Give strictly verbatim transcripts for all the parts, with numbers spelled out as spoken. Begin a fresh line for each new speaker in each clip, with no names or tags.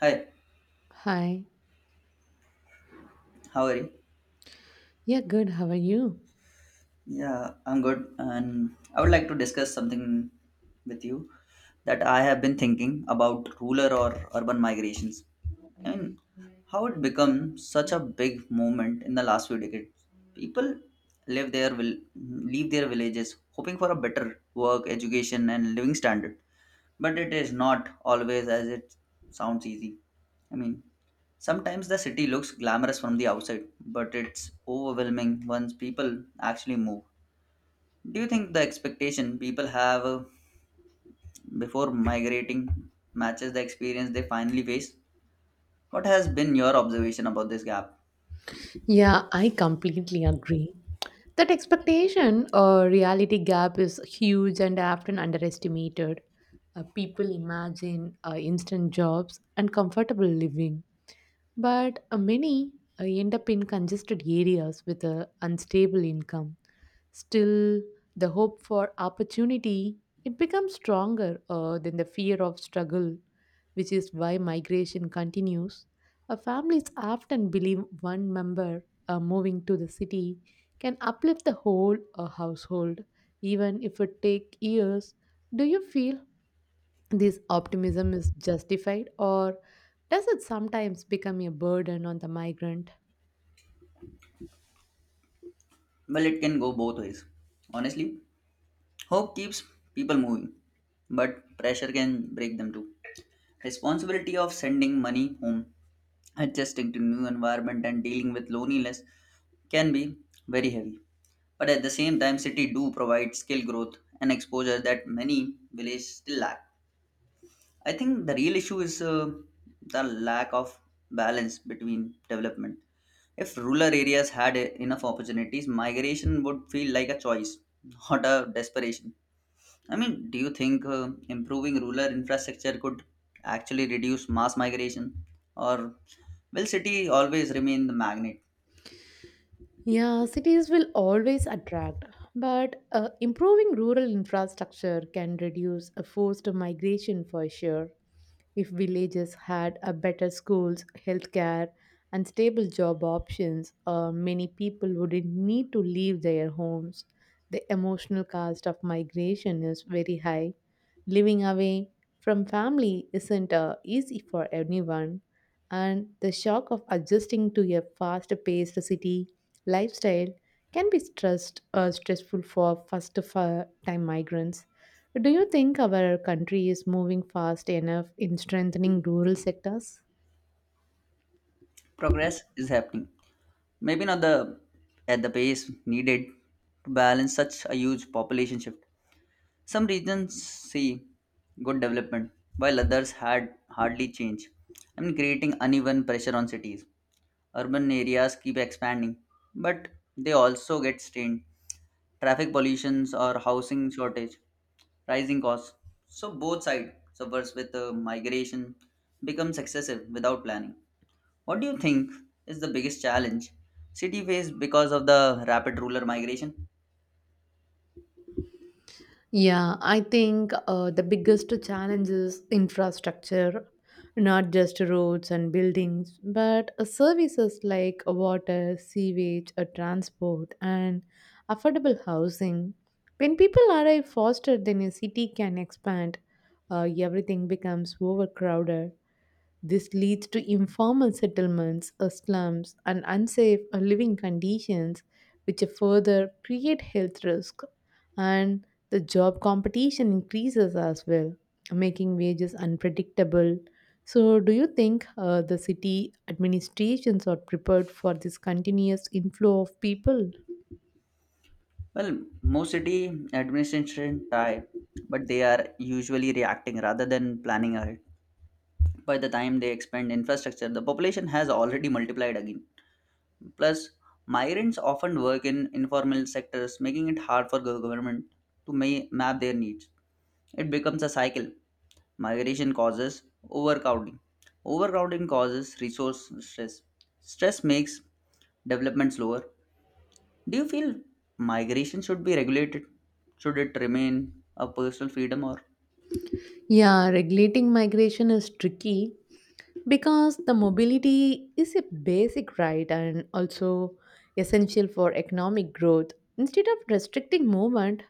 Hi,
Hi.
how are you?
Yeah, good. How are you?
Yeah, I'm good. And I would like to discuss something with you that I have been thinking about rural or urban migrations. I mean, how it become such a big movement in the last few decades. People live their will leave their villages hoping for a better work, education and living standard. But it is not always as it sounds easy. I mean, sometimes the city looks glamorous from the outside, but it's overwhelming once people actually move. Do you think the expectation people have uh, before migrating matches the experience they finally face? What has been your observation about this gap?
Yeah, I completely agree. That expectation or reality gap is huge and often underestimated. Uh, people imagine uh, instant jobs and comfortable living, but uh, many uh, end up in congested areas with a unstable income. Still, the hope for opportunity it becomes stronger uh, than the fear of struggle, which is why migration continues. Uh, families often believe one member uh, moving to the city can uplift the whole uh, household, even if it take years. Do you feel this optimism is justified, or does it sometimes become a burden on the migrant?
Well, it can go both ways. Honestly, hope keeps people moving, but pressure can break them too. Responsibility of sending money home, adjusting to new environment and dealing with loneliness can be very heavy. But at the same time, city do provide skill growth and exposure that many villages still lack. I think the real issue is uh, the lack of balance between development. If rural areas had e- enough opportunities, migration would feel like a choice, not a desperation. I mean, do you think uh, improving rural infrastructure could actually reduce mass migration? Or will city always remain the magnet?
Yeah, cities will always attract, but uh, improving rural infrastructure can reduce a forced migration for sure. If villages had a better schools, healthcare, and stable job options, uh, many people wouldn't need to leave their homes. The emotional cost of migration is very high. Living away from family isn't uh, easy for anyone, and the shock of adjusting to a fast-paced city lifestyle can be stressed, uh, stressful for first-time migrants. Do you think our country is moving fast enough in strengthening rural sectors?
Progress is happening. Maybe not the at the pace needed to balance such a huge population shift. Some regions see good development while others had hardly change. I mean creating uneven pressure on cities. Urban areas keep expanding, but they also get strained traffic pollutions or housing shortage, rising costs. So both sides suffers with uh, migration becomes excessive without planning. What do you think is the biggest challenge city face because of the rapid rural migration?
Yeah, I think uh, the biggest challenge is infrastructure, not just roads and buildings, but uh, services like water, sewage, uh, transport, and affordable housing. When people arrive faster than a city can expand, uh, everything becomes overcrowded. This leads to informal settlements, uh, slums, and unsafe uh, living conditions, which further create health risk. And the job competition increases as well, making wages unpredictable. So, do you think uh, the city administrations are prepared for this continuous inflow of people?
Well, most city administration try, but they are usually reacting rather than planning ahead. By the time they expand infrastructure, the population has already multiplied again. Plus, migrants often work in informal sectors, making it hard for gov- government to ma- map their needs. It becomes a cycle. Migration causes overcrowding. Overcrowding causes resource stress. Stress makes development slower. Do you feel migration should be regulated? Should it remain a personal freedom or?
Yeah, regulating migration is tricky because the mobility is a basic right and also essential for economic growth, instead of restricting movement.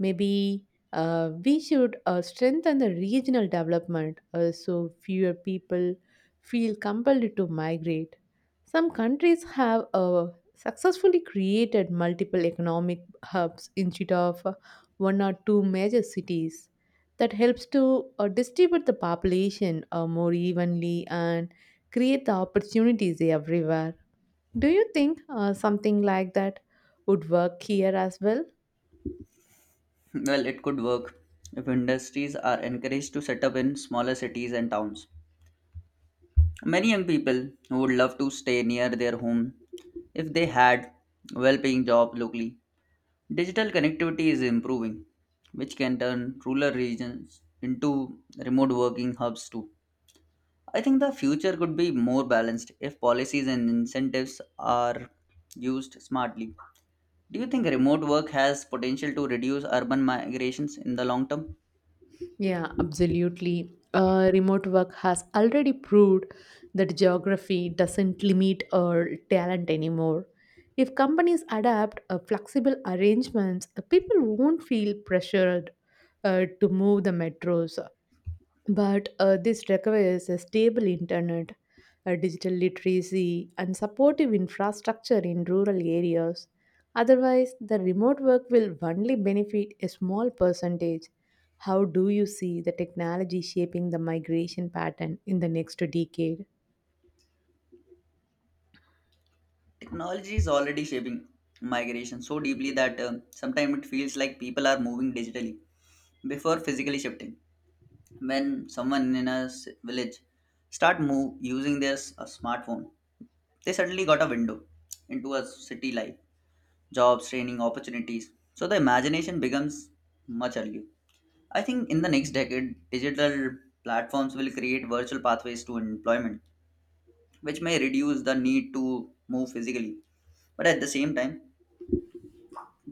Maybe uh, we should uh, strengthen the regional development uh, so fewer people feel compelled to migrate. Some countries have uh, successfully created multiple economic hubs instead of uh, one or two major cities. That helps to uh, distribute the population uh, more evenly and create the opportunities everywhere. Do you think uh, something like that would work here as well?
Well, it could work if industries are encouraged to set up in smaller cities and towns. Many young people would love to stay near their home if they had well-paying job locally. Digital connectivity is improving, which can turn rural regions into remote working hubs too. I think the future could be more balanced if policies and incentives are used smartly. Do you think remote work has potential to reduce urban migrations in the long term?
Yeah, absolutely. Uh, remote work has already proved that geography doesn't limit our talent anymore. If companies adapt uh, flexible arrangements, uh, people won't feel pressured uh, to move the metros. But uh, this requires a stable internet, a digital literacy, and supportive infrastructure in rural areas. Otherwise, the remote work will only benefit a small percentage. How do you see the technology shaping the migration pattern in the next decade?
Technology is already shaping migration so deeply that uh, sometimes it feels like people are moving digitally before physically shifting. When someone in a s- village start move using their s- a smartphone, they suddenly got a window into a city life, jobs, training opportunities. So the imagination becomes much earlier. I think in the next decade digital platforms will create virtual pathways to employment, which may reduce the need to move physically. But at the same time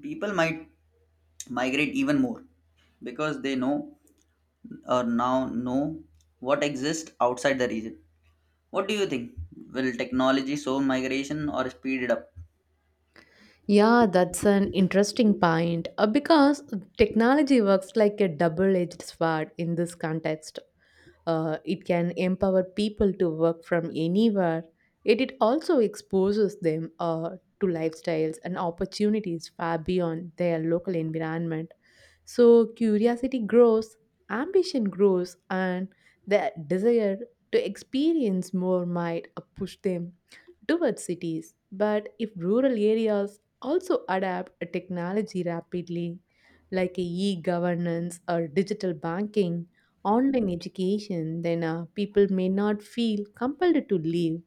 people might migrate even more because they know or now know what exists outside the region. What do you think? Will technology slow migration or speed it up?
Yeah, that's an interesting point uh, because technology works like a double edged sword in this context. Uh, it can empower people to work from anywhere, yet it also exposes them uh, to lifestyles and opportunities far beyond their local environment. So curiosity grows, ambition grows, and their desire to experience more might uh, push them towards cities. But if rural areas also adapt a technology rapidly, like e governance or digital banking, online education, then uh, people may not feel compelled to leave.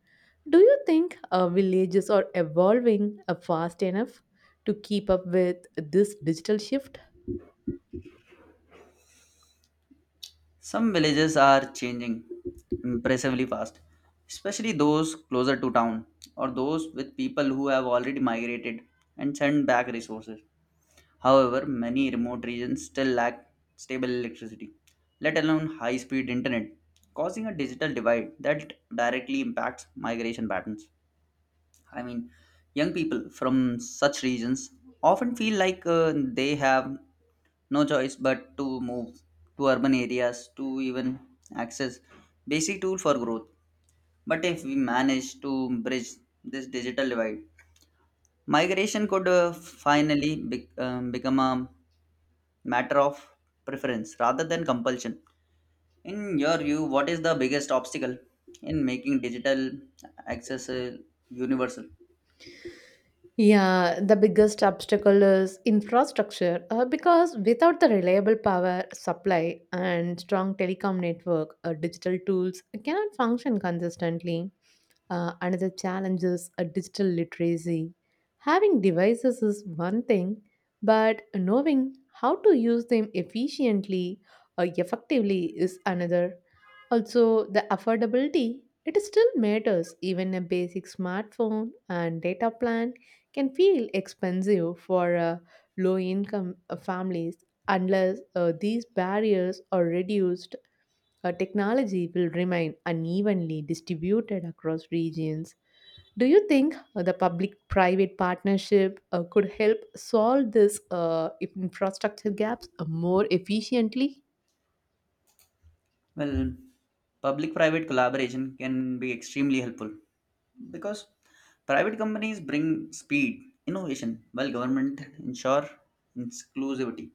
Do you think uh, villages are evolving uh, fast enough to keep up with this digital shift?
Some villages are changing impressively fast, especially those closer to town or those with people who have already migrated and sent back resources. However, many remote regions still lack stable electricity, let alone high speed internet, causing a digital divide that directly impacts migration patterns. I mean, young people from such regions often feel like uh, they have no choice but to move to urban areas to even access basic tool for growth. But if we manage to bridge this digital divide, migration could uh, finally be- um, become a matter of preference rather than compulsion. In your view, what is the biggest obstacle in making digital access uh, universal?
Yeah, the biggest obstacle is infrastructure uh, because without the reliable power supply and strong telecom network, uh, digital tools cannot function consistently. Uh, another challenge is uh, digital literacy. Having devices is one thing, but knowing how to use them efficiently or effectively is another. Also, the affordability. It still matters. Even a basic smartphone and data plan can feel expensive for uh, low income uh, families. Unless uh, these barriers are reduced, uh, technology will remain unevenly distributed across regions. Do you think uh, the public private partnership uh, could help solve this uh, infrastructure gaps uh, more efficiently?
Well, public private collaboration can be extremely helpful because private companies bring speed, innovation, while government ensure inclusivity.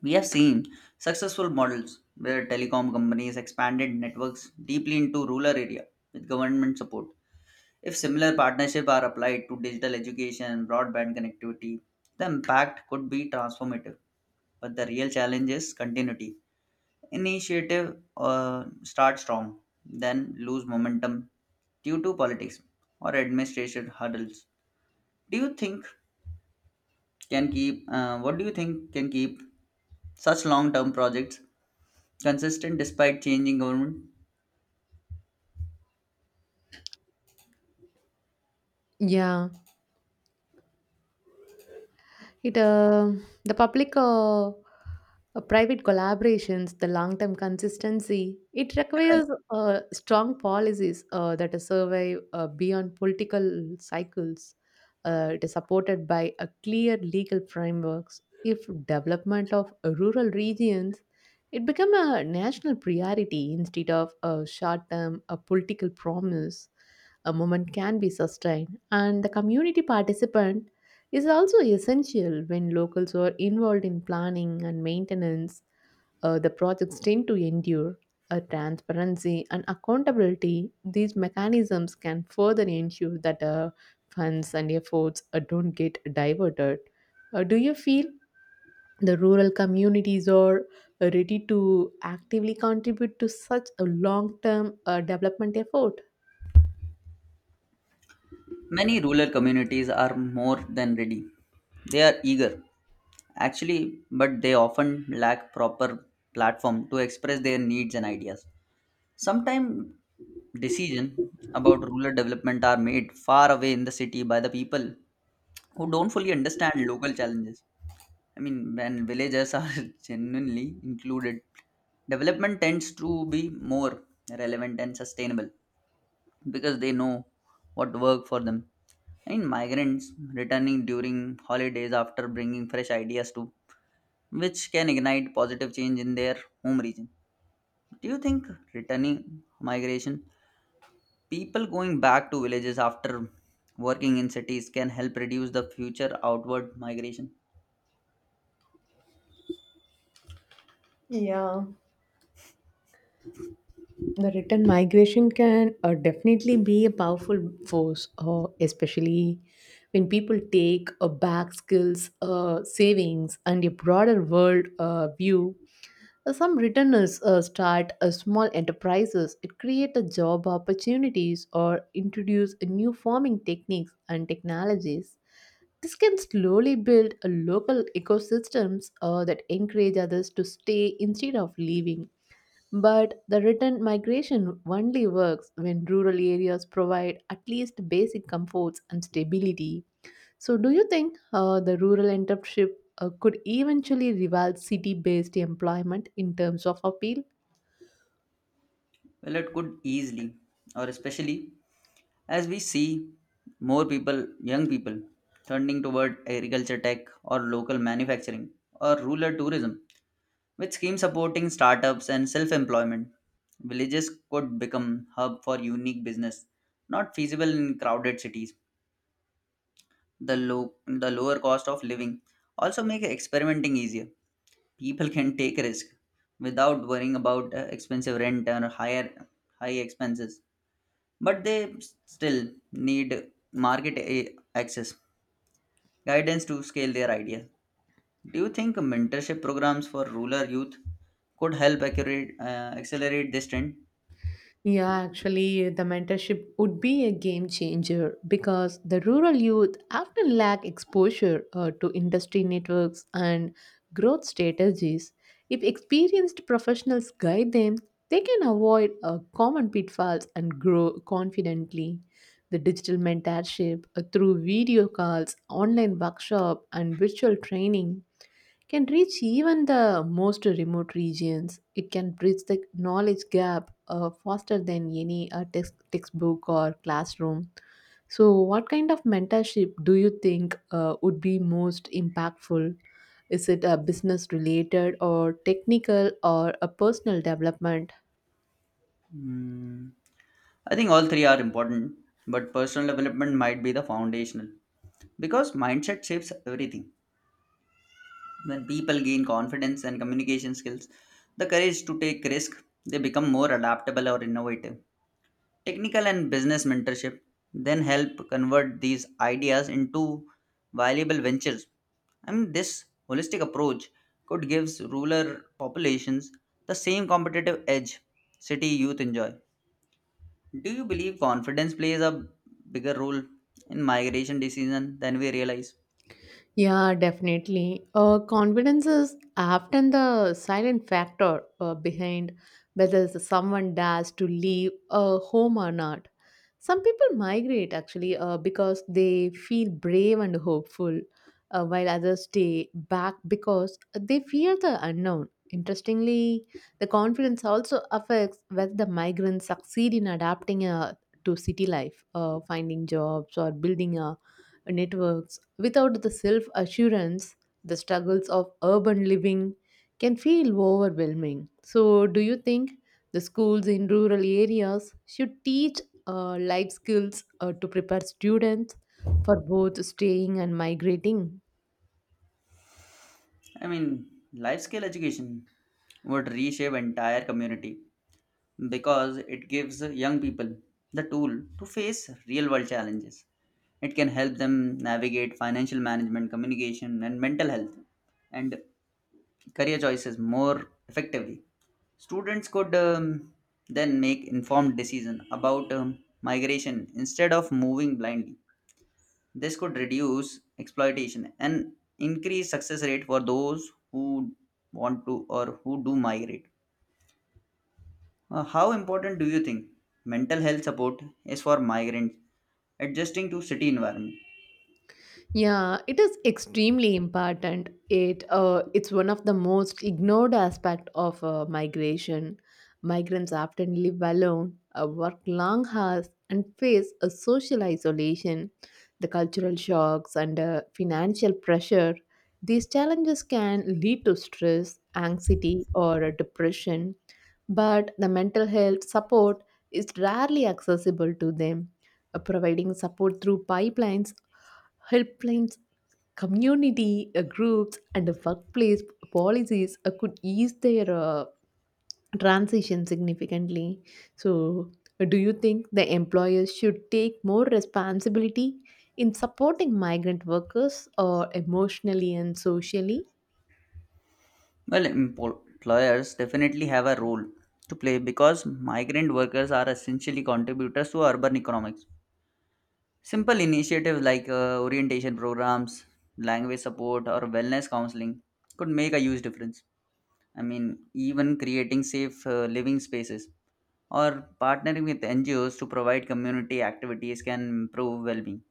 We have seen successful models where telecom companies expanded networks deeply into rural area with government support. If similar partnerships are applied to digital education and broadband connectivity, the impact could be transformative. But the real challenge is continuity. Initiative uh, start strong, then lose momentum due to politics or administration hurdles. Do you think can keep? Uh, what do you think can keep such long-term projects consistent despite changing government?
Yeah. It uh, The public uh, uh, private collaborations, the long term consistency, it requires uh, strong policies uh, that survive uh, beyond political cycles. Uh, it is supported by a clear legal frameworks. If development of rural regions, it become a national priority instead of a short term a political promise. A moment can be sustained, and the community participant is also essential when locals are involved in planning and maintenance. Uh, the projects tend to endure. A transparency and accountability, these mechanisms can further ensure that uh, funds and efforts uh, don't get diverted. Uh, do you feel the rural communities are uh, ready to actively contribute to such a long term uh, development effort?
Many rural communities are more than ready. They are eager, actually, but they often lack proper platform to express their needs and ideas. Sometimes decision about rural development are made far away in the city by the people who don't fully understand local challenges. I mean, when villages are genuinely included, development tends to be more relevant and sustainable because they know what worked for them. And migrants returning during holidays after bringing fresh ideas too, which can ignite positive change in their home region. Do you think returning migration, people going back to villages after working in cities, can help reduce the future outward migration?
The return migration can uh, definitely be a powerful force, uh, especially when people take uh, back skills, uh, savings, and a broader world uh, view. Uh, Some returners uh, start uh, small enterprises, it creates job opportunities, or introduce new farming techniques and technologies. This can slowly build a local ecosystems uh, that encourage others to stay instead of leaving. But the return migration only works when rural areas provide at least basic comforts and stability. So, do you think uh, the rural entrepreneurship uh, could eventually rival city based employment in terms of appeal?
Well, it could easily, or especially as we see more people, young people, turning toward agriculture tech or local manufacturing or rural tourism. With schemes supporting startups and self employment, villages could become hub for unique business, not feasible in crowded cities. The, low, the lower cost of living also make experimenting easier. People can take risk without worrying about uh, expensive rent or higher high expenses, but they still need market a- access guidance to scale their ideas. Do you think mentorship programs for rural youth could help accurate, uh, accelerate this trend?
Yeah, actually, the mentorship would be a game changer because the rural youth often lack exposure uh, to industry networks and growth strategies. If experienced professionals guide them, they can avoid uh, common pitfalls and grow confidently. The digital mentorship uh, through video calls, online workshop, and virtual training can reach even the most remote regions. It can bridge the knowledge gap uh, faster than any uh, text, textbook or classroom. So, what kind of mentorship do you think uh, would be most impactful? Is it a business related or technical or a personal development?
Hmm, I think all three are important, but personal development might be the foundational because mindset shapes everything. When people gain confidence and communication skills, the courage to take risk, they become more adaptable or innovative. Technical and business mentorship then help convert these ideas into viable ventures. I mean, this holistic approach could give rural populations the same competitive edge city youth enjoy. Do you believe confidence plays a bigger role in migration decision than we realize?
Yeah, definitely. Uh, confidence is often the silent factor uh, behind whether someone dares to leave a home or not. Some people migrate actually uh, because they feel brave and hopeful, uh, while others stay back because they fear the unknown. Interestingly, the confidence also affects whether the migrants succeed in adapting uh, to city life, uh, finding jobs, or building uh, networks. Without the self assurance, the struggles of urban living can feel overwhelming. So, do you think the schools in rural areas should teach uh, life skills uh, to prepare students for both staying and migrating?
I mean, life skill education would reshape entire community because it gives young people the tool to face real world challenges. It can help them navigate financial management, communication, and mental health and career choices more effectively. Students could um, then make informed decision about um, migration instead of moving blindly. This could reduce exploitation and increase success rate for those who want to or who do migrate. Uh, how important do you think mental health support is for migrants adjusting to city environment?
Yeah, it is extremely important. It uh, it's one of the most ignored aspect of uh, migration. Migrants often live alone, uh, work long hours, and face a social isolation, the cultural shocks, and uh, financial pressure. These challenges can lead to stress, anxiety, or uh, depression, but the mental health support is rarely accessible to them. Uh, providing support through pipelines helplines, community uh, groups, and workplace policies uh, could ease their uh, transition significantly. So, uh, do you think the employers should take more responsibility in supporting migrant workers or emotionally and socially?
Well, employers definitely have a role to play because migrant workers are essentially contributors to urban economics. Simple initiatives like uh, orientation programs, language support, or wellness counseling could make a huge difference. I mean, even creating safe uh, living spaces or partnering with N G Os to provide community activities can improve well being.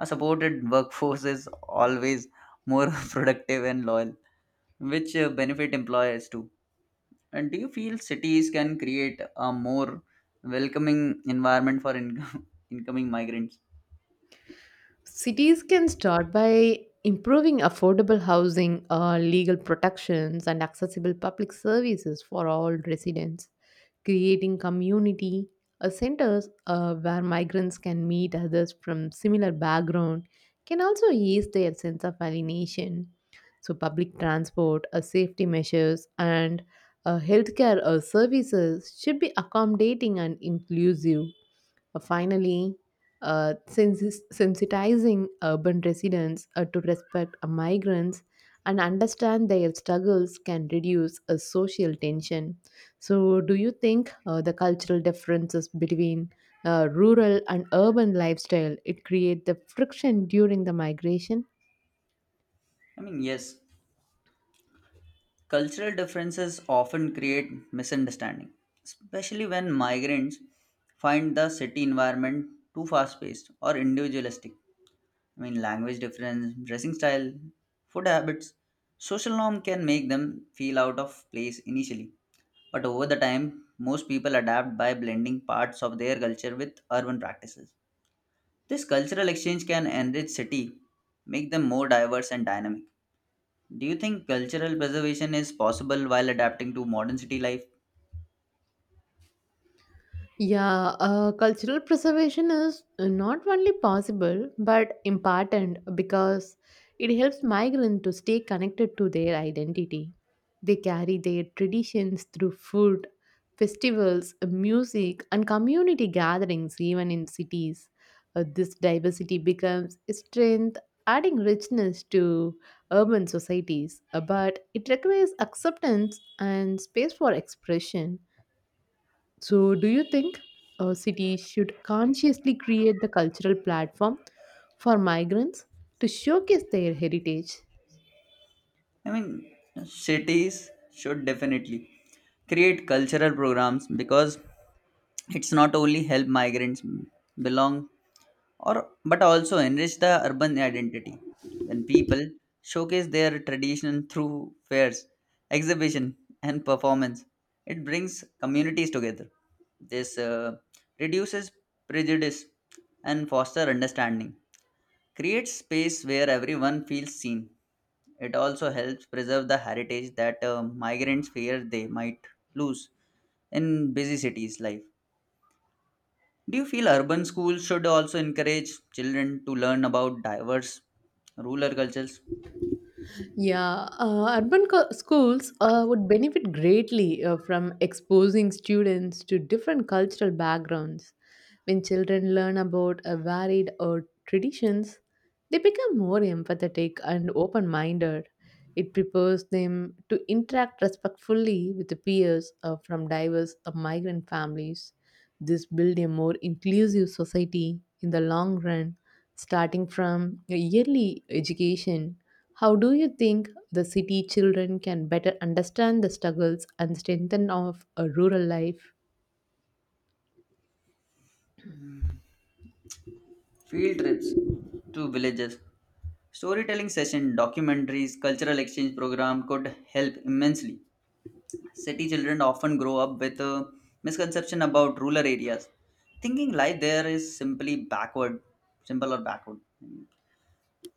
A supported workforce is always more productive and loyal, which uh, benefit employers too. And do you feel cities can create a more welcoming environment for income, incoming migrants?
Cities can start by improving affordable housing, uh, legal protections, and accessible public services for all residents. Creating community uh, centers uh, where migrants can meet others from similar background can also ease their sense of alienation. So, public transport, uh, safety measures, and uh, healthcare uh, services should be accommodating and inclusive. Uh, finally, uh, sensis- sensitizing urban residents uh, to respect uh, migrants and understand their struggles can reduce a social tension. So, do you think uh, the cultural differences between uh, rural and urban lifestyle it create the friction during the migration?
I mean, yes, cultural differences often create misunderstanding, especially when migrants find the city environment too fast paced or individualistic. I mean, language difference, dressing style, food habits, social norm can make them feel out of place initially. But over the time, most people adapt by blending parts of their culture with urban practices. This cultural exchange can enrich city, make them more diverse and dynamic. Do you think cultural preservation is possible while adapting to modern city life?
Yeah, uh, cultural preservation is not only possible but important because it helps migrants to stay connected to their identity. They carry their traditions through food, festivals, music, and community gatherings, even in cities. Uh, this diversity becomes a strength, adding richness to urban societies. Uh, but it requires acceptance and space for expression. So, do you think uh, cities should consciously create the cultural platform for migrants to showcase their heritage?
I mean, cities should definitely create cultural programs because it's not only help migrants belong or but also enrich the urban identity. When people showcase their tradition through fairs, exhibition and performance, it brings communities together. This uh, reduces prejudice and foster understanding, creates space where everyone feels seen. It also helps preserve the heritage that uh, migrants fear they might lose in busy cities life. Do you feel urban schools should also encourage children to learn about diverse rural cultures?
Yeah, uh, urban co- schools uh, would benefit greatly uh, from exposing students to different cultural backgrounds. When children learn about a varied uh, traditions, they become more empathetic and open minded. It prepares them to interact respectfully with the peers uh, from diverse uh, migrant families. This builds a more inclusive society in the long run, starting from early education. How do you think the city children can better understand the struggles and strengthen of a rural life?
Mm, field trips to villages, storytelling session, documentaries, cultural exchange program could help immensely. City children often grow up with a misconception about rural areas, thinking life there is simply backward, simple or backward.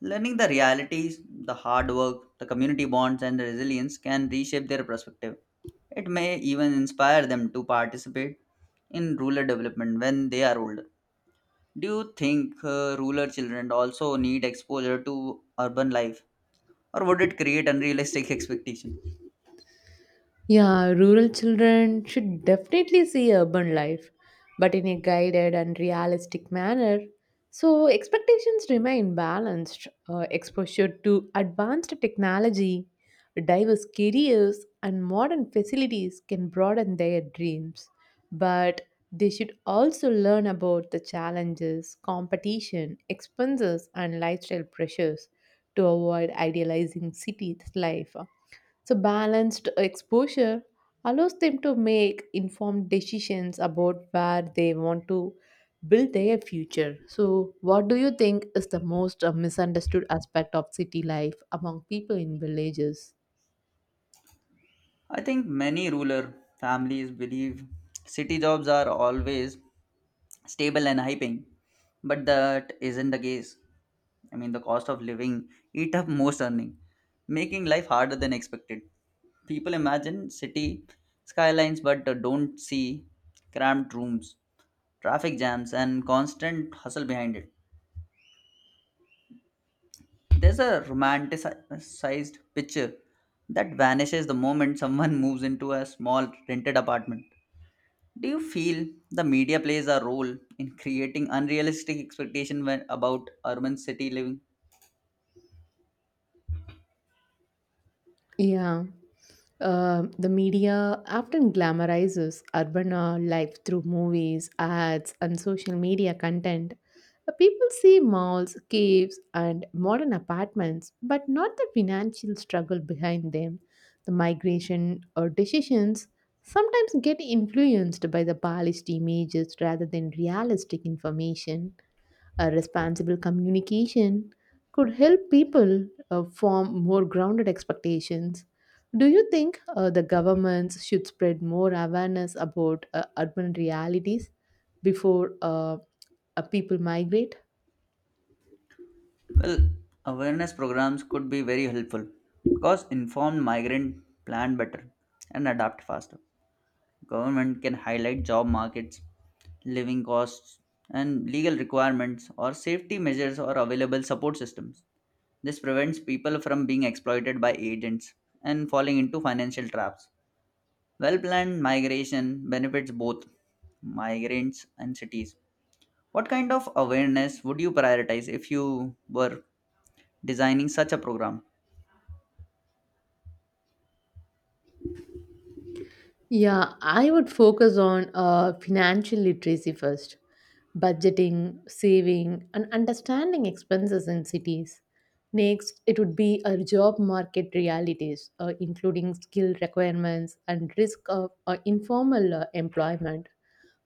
Learning the realities, the hard work, the community bonds, and the resilience can reshape their perspective. It may even inspire them to participate in rural development when they are older. Do you think uh, rural children also need exposure to urban life, or would it create unrealistic expectation?
Yeah, rural children should definitely see urban life, but in a guided and realistic manner. So, expectations remain balanced. Uh, exposure to advanced technology, diverse careers, and modern facilities can broaden their dreams. But they should also learn about the challenges, competition, expenses, and lifestyle pressures to avoid idealizing cities' life. So, balanced exposure allows them to make informed decisions about where they want to build their future. So, what do you think is the most uh, misunderstood aspect of city life among people in villages?
I think many rural families believe city jobs are always stable and high paying, but that isn't the case. I mean, the cost of living eat up most earning, making life harder than expected. People imagine city skylines but don't see cramped rooms, traffic jams, and constant hustle behind it. There's a romanticized picture that vanishes the moment someone moves into a small rented apartment. Do you feel the media plays a role in creating unrealistic expectation when about urban city living?
Yeah. Uh, the media often glamorizes urban uh, life through movies, ads, and social media content. Uh, People see malls, caves, and modern apartments, but not the financial struggle behind them. The migration or decisions sometimes get influenced by the polished images rather than realistic information. A responsible communication could help people uh, form more grounded expectations. Do you think uh, the governments should spread more awareness about uh, urban realities before uh, uh, people migrate?
Well, awareness programs could be very helpful because informed migrant plan better and adapt faster. Government can highlight job markets, living costs, and legal requirements or safety measures or available support systems. This prevents people from being exploited by agents and falling into financial traps. Well planned migration benefits both migrants and cities. What kind of awareness would you prioritize if you were designing such a program?
Yeah, I would focus on uh, financial literacy first, budgeting, saving, and understanding expenses in cities. Next, it would be our job market realities, uh, including skill requirements and risk of uh, informal uh, employment,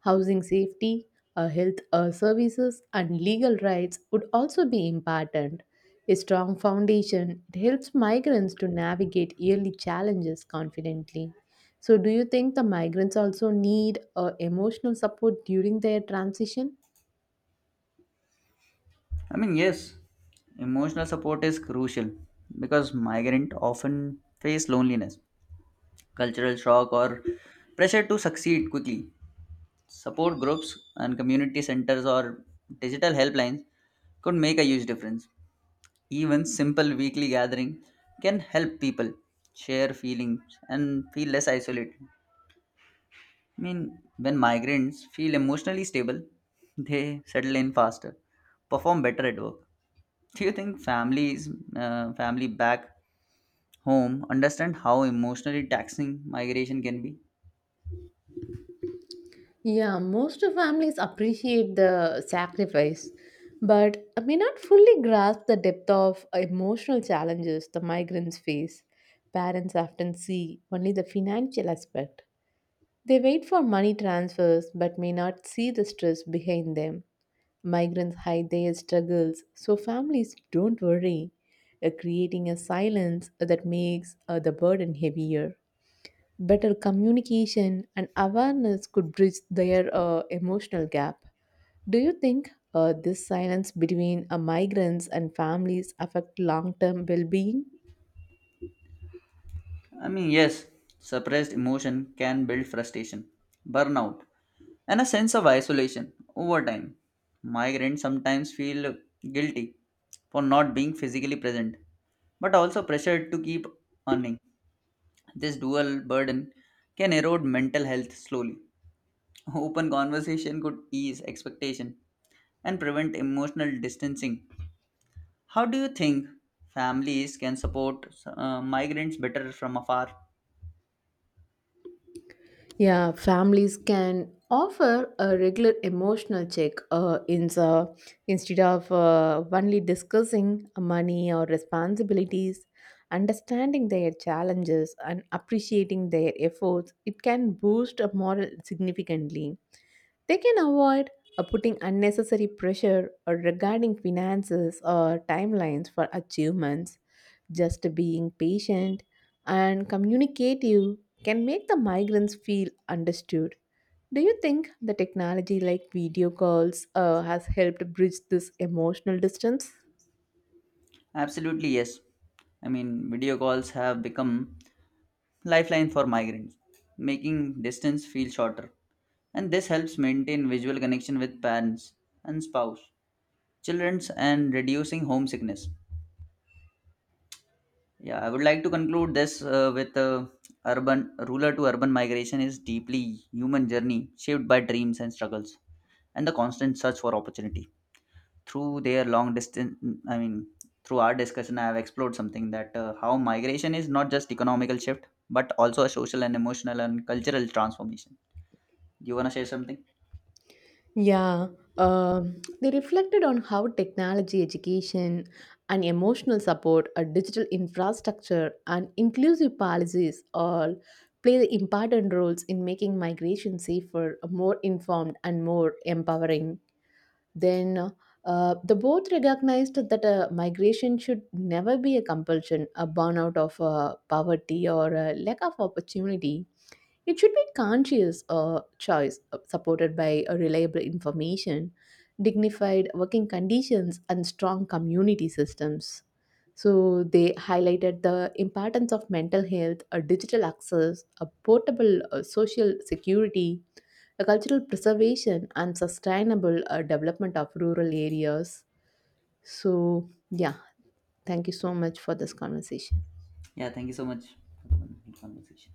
housing safety, uh, health uh, services, and legal rights would also be important. A strong foundation it helps migrants to navigate yearly challenges confidently. So, do you think the migrants also need uh, emotional support during their transition?
I mean, yes, emotional support is crucial because migrants often face loneliness, cultural shock, or pressure to succeed quickly. Support groups and community centers or digital helplines could make a huge difference. Even simple weekly gathering can help people share feelings and feel less isolated. I mean, when migrants feel emotionally stable, they settle in faster, perform better at work. Do you think families, uh, family back home, understand how emotionally taxing migration can be?
Yeah, most families appreciate the sacrifice, but uh, may not fully grasp the depth of emotional challenges the migrants face. Parents often see only the financial aspect. They wait for money transfers but may not see the stress behind them. Migrants hide their struggles, so families don't worry, uh, creating a silence that makes uh, the burden heavier. Better communication and awareness could bridge their uh, emotional gap. Do you think uh, this silence between uh, migrants and families affect long-term well-being?
I mean, yes, suppressed emotion can build frustration, burnout, and a sense of isolation over time. Migrants sometimes feel guilty for not being physically present, but also pressured to keep earning. This dual burden can erode mental health slowly. Open conversation could ease expectation and prevent emotional distancing. How do you think families can support uh, migrants better from afar?
Yeah, families can offer a regular emotional check uh, in the, instead of uh, only discussing money or responsibilities. Understanding their challenges and appreciating their efforts, it can boost a moral significantly. They can avoid uh, putting unnecessary pressure or regarding finances or timelines for achievements. Just being patient and communicative can make the migrants feel understood. Do you think the technology like video calls uh, has helped bridge this emotional distance?
Absolutely, yes. I mean, video calls have become lifeline for migrants, making distance feel shorter. And this helps maintain visual connection with parents and spouse, children, and reducing homesickness. Yeah, I would like to conclude this uh, with uh, urban rural to urban migration is deeply human journey shaped by dreams and struggles and the constant search for opportunity. Through their long distance, I mean, through our discussion, I have explored something that uh, how migration is not just economical shift but also a social and emotional and cultural transformation. Do you want to share something?
Yeah, um, they reflected on how technology, education, and emotional support, a digital infrastructure, and inclusive policies all play the important roles in making migration safer, more informed, and more empowering. Then, uh, the both recognized that uh, migration should never be a compulsion, a burnout of uh, poverty, or a lack of opportunity. It should be conscious uh, choice uh, supported by uh, reliable information, dignified working conditions, and strong community systems. So they highlighted the importance of mental health, uh, digital access, a portable uh, social security, a cultural preservation, and sustainable uh, development of rural areas. So yeah, thank you so much for this conversation.
Yeah, thank you so much for the wonderful conversation.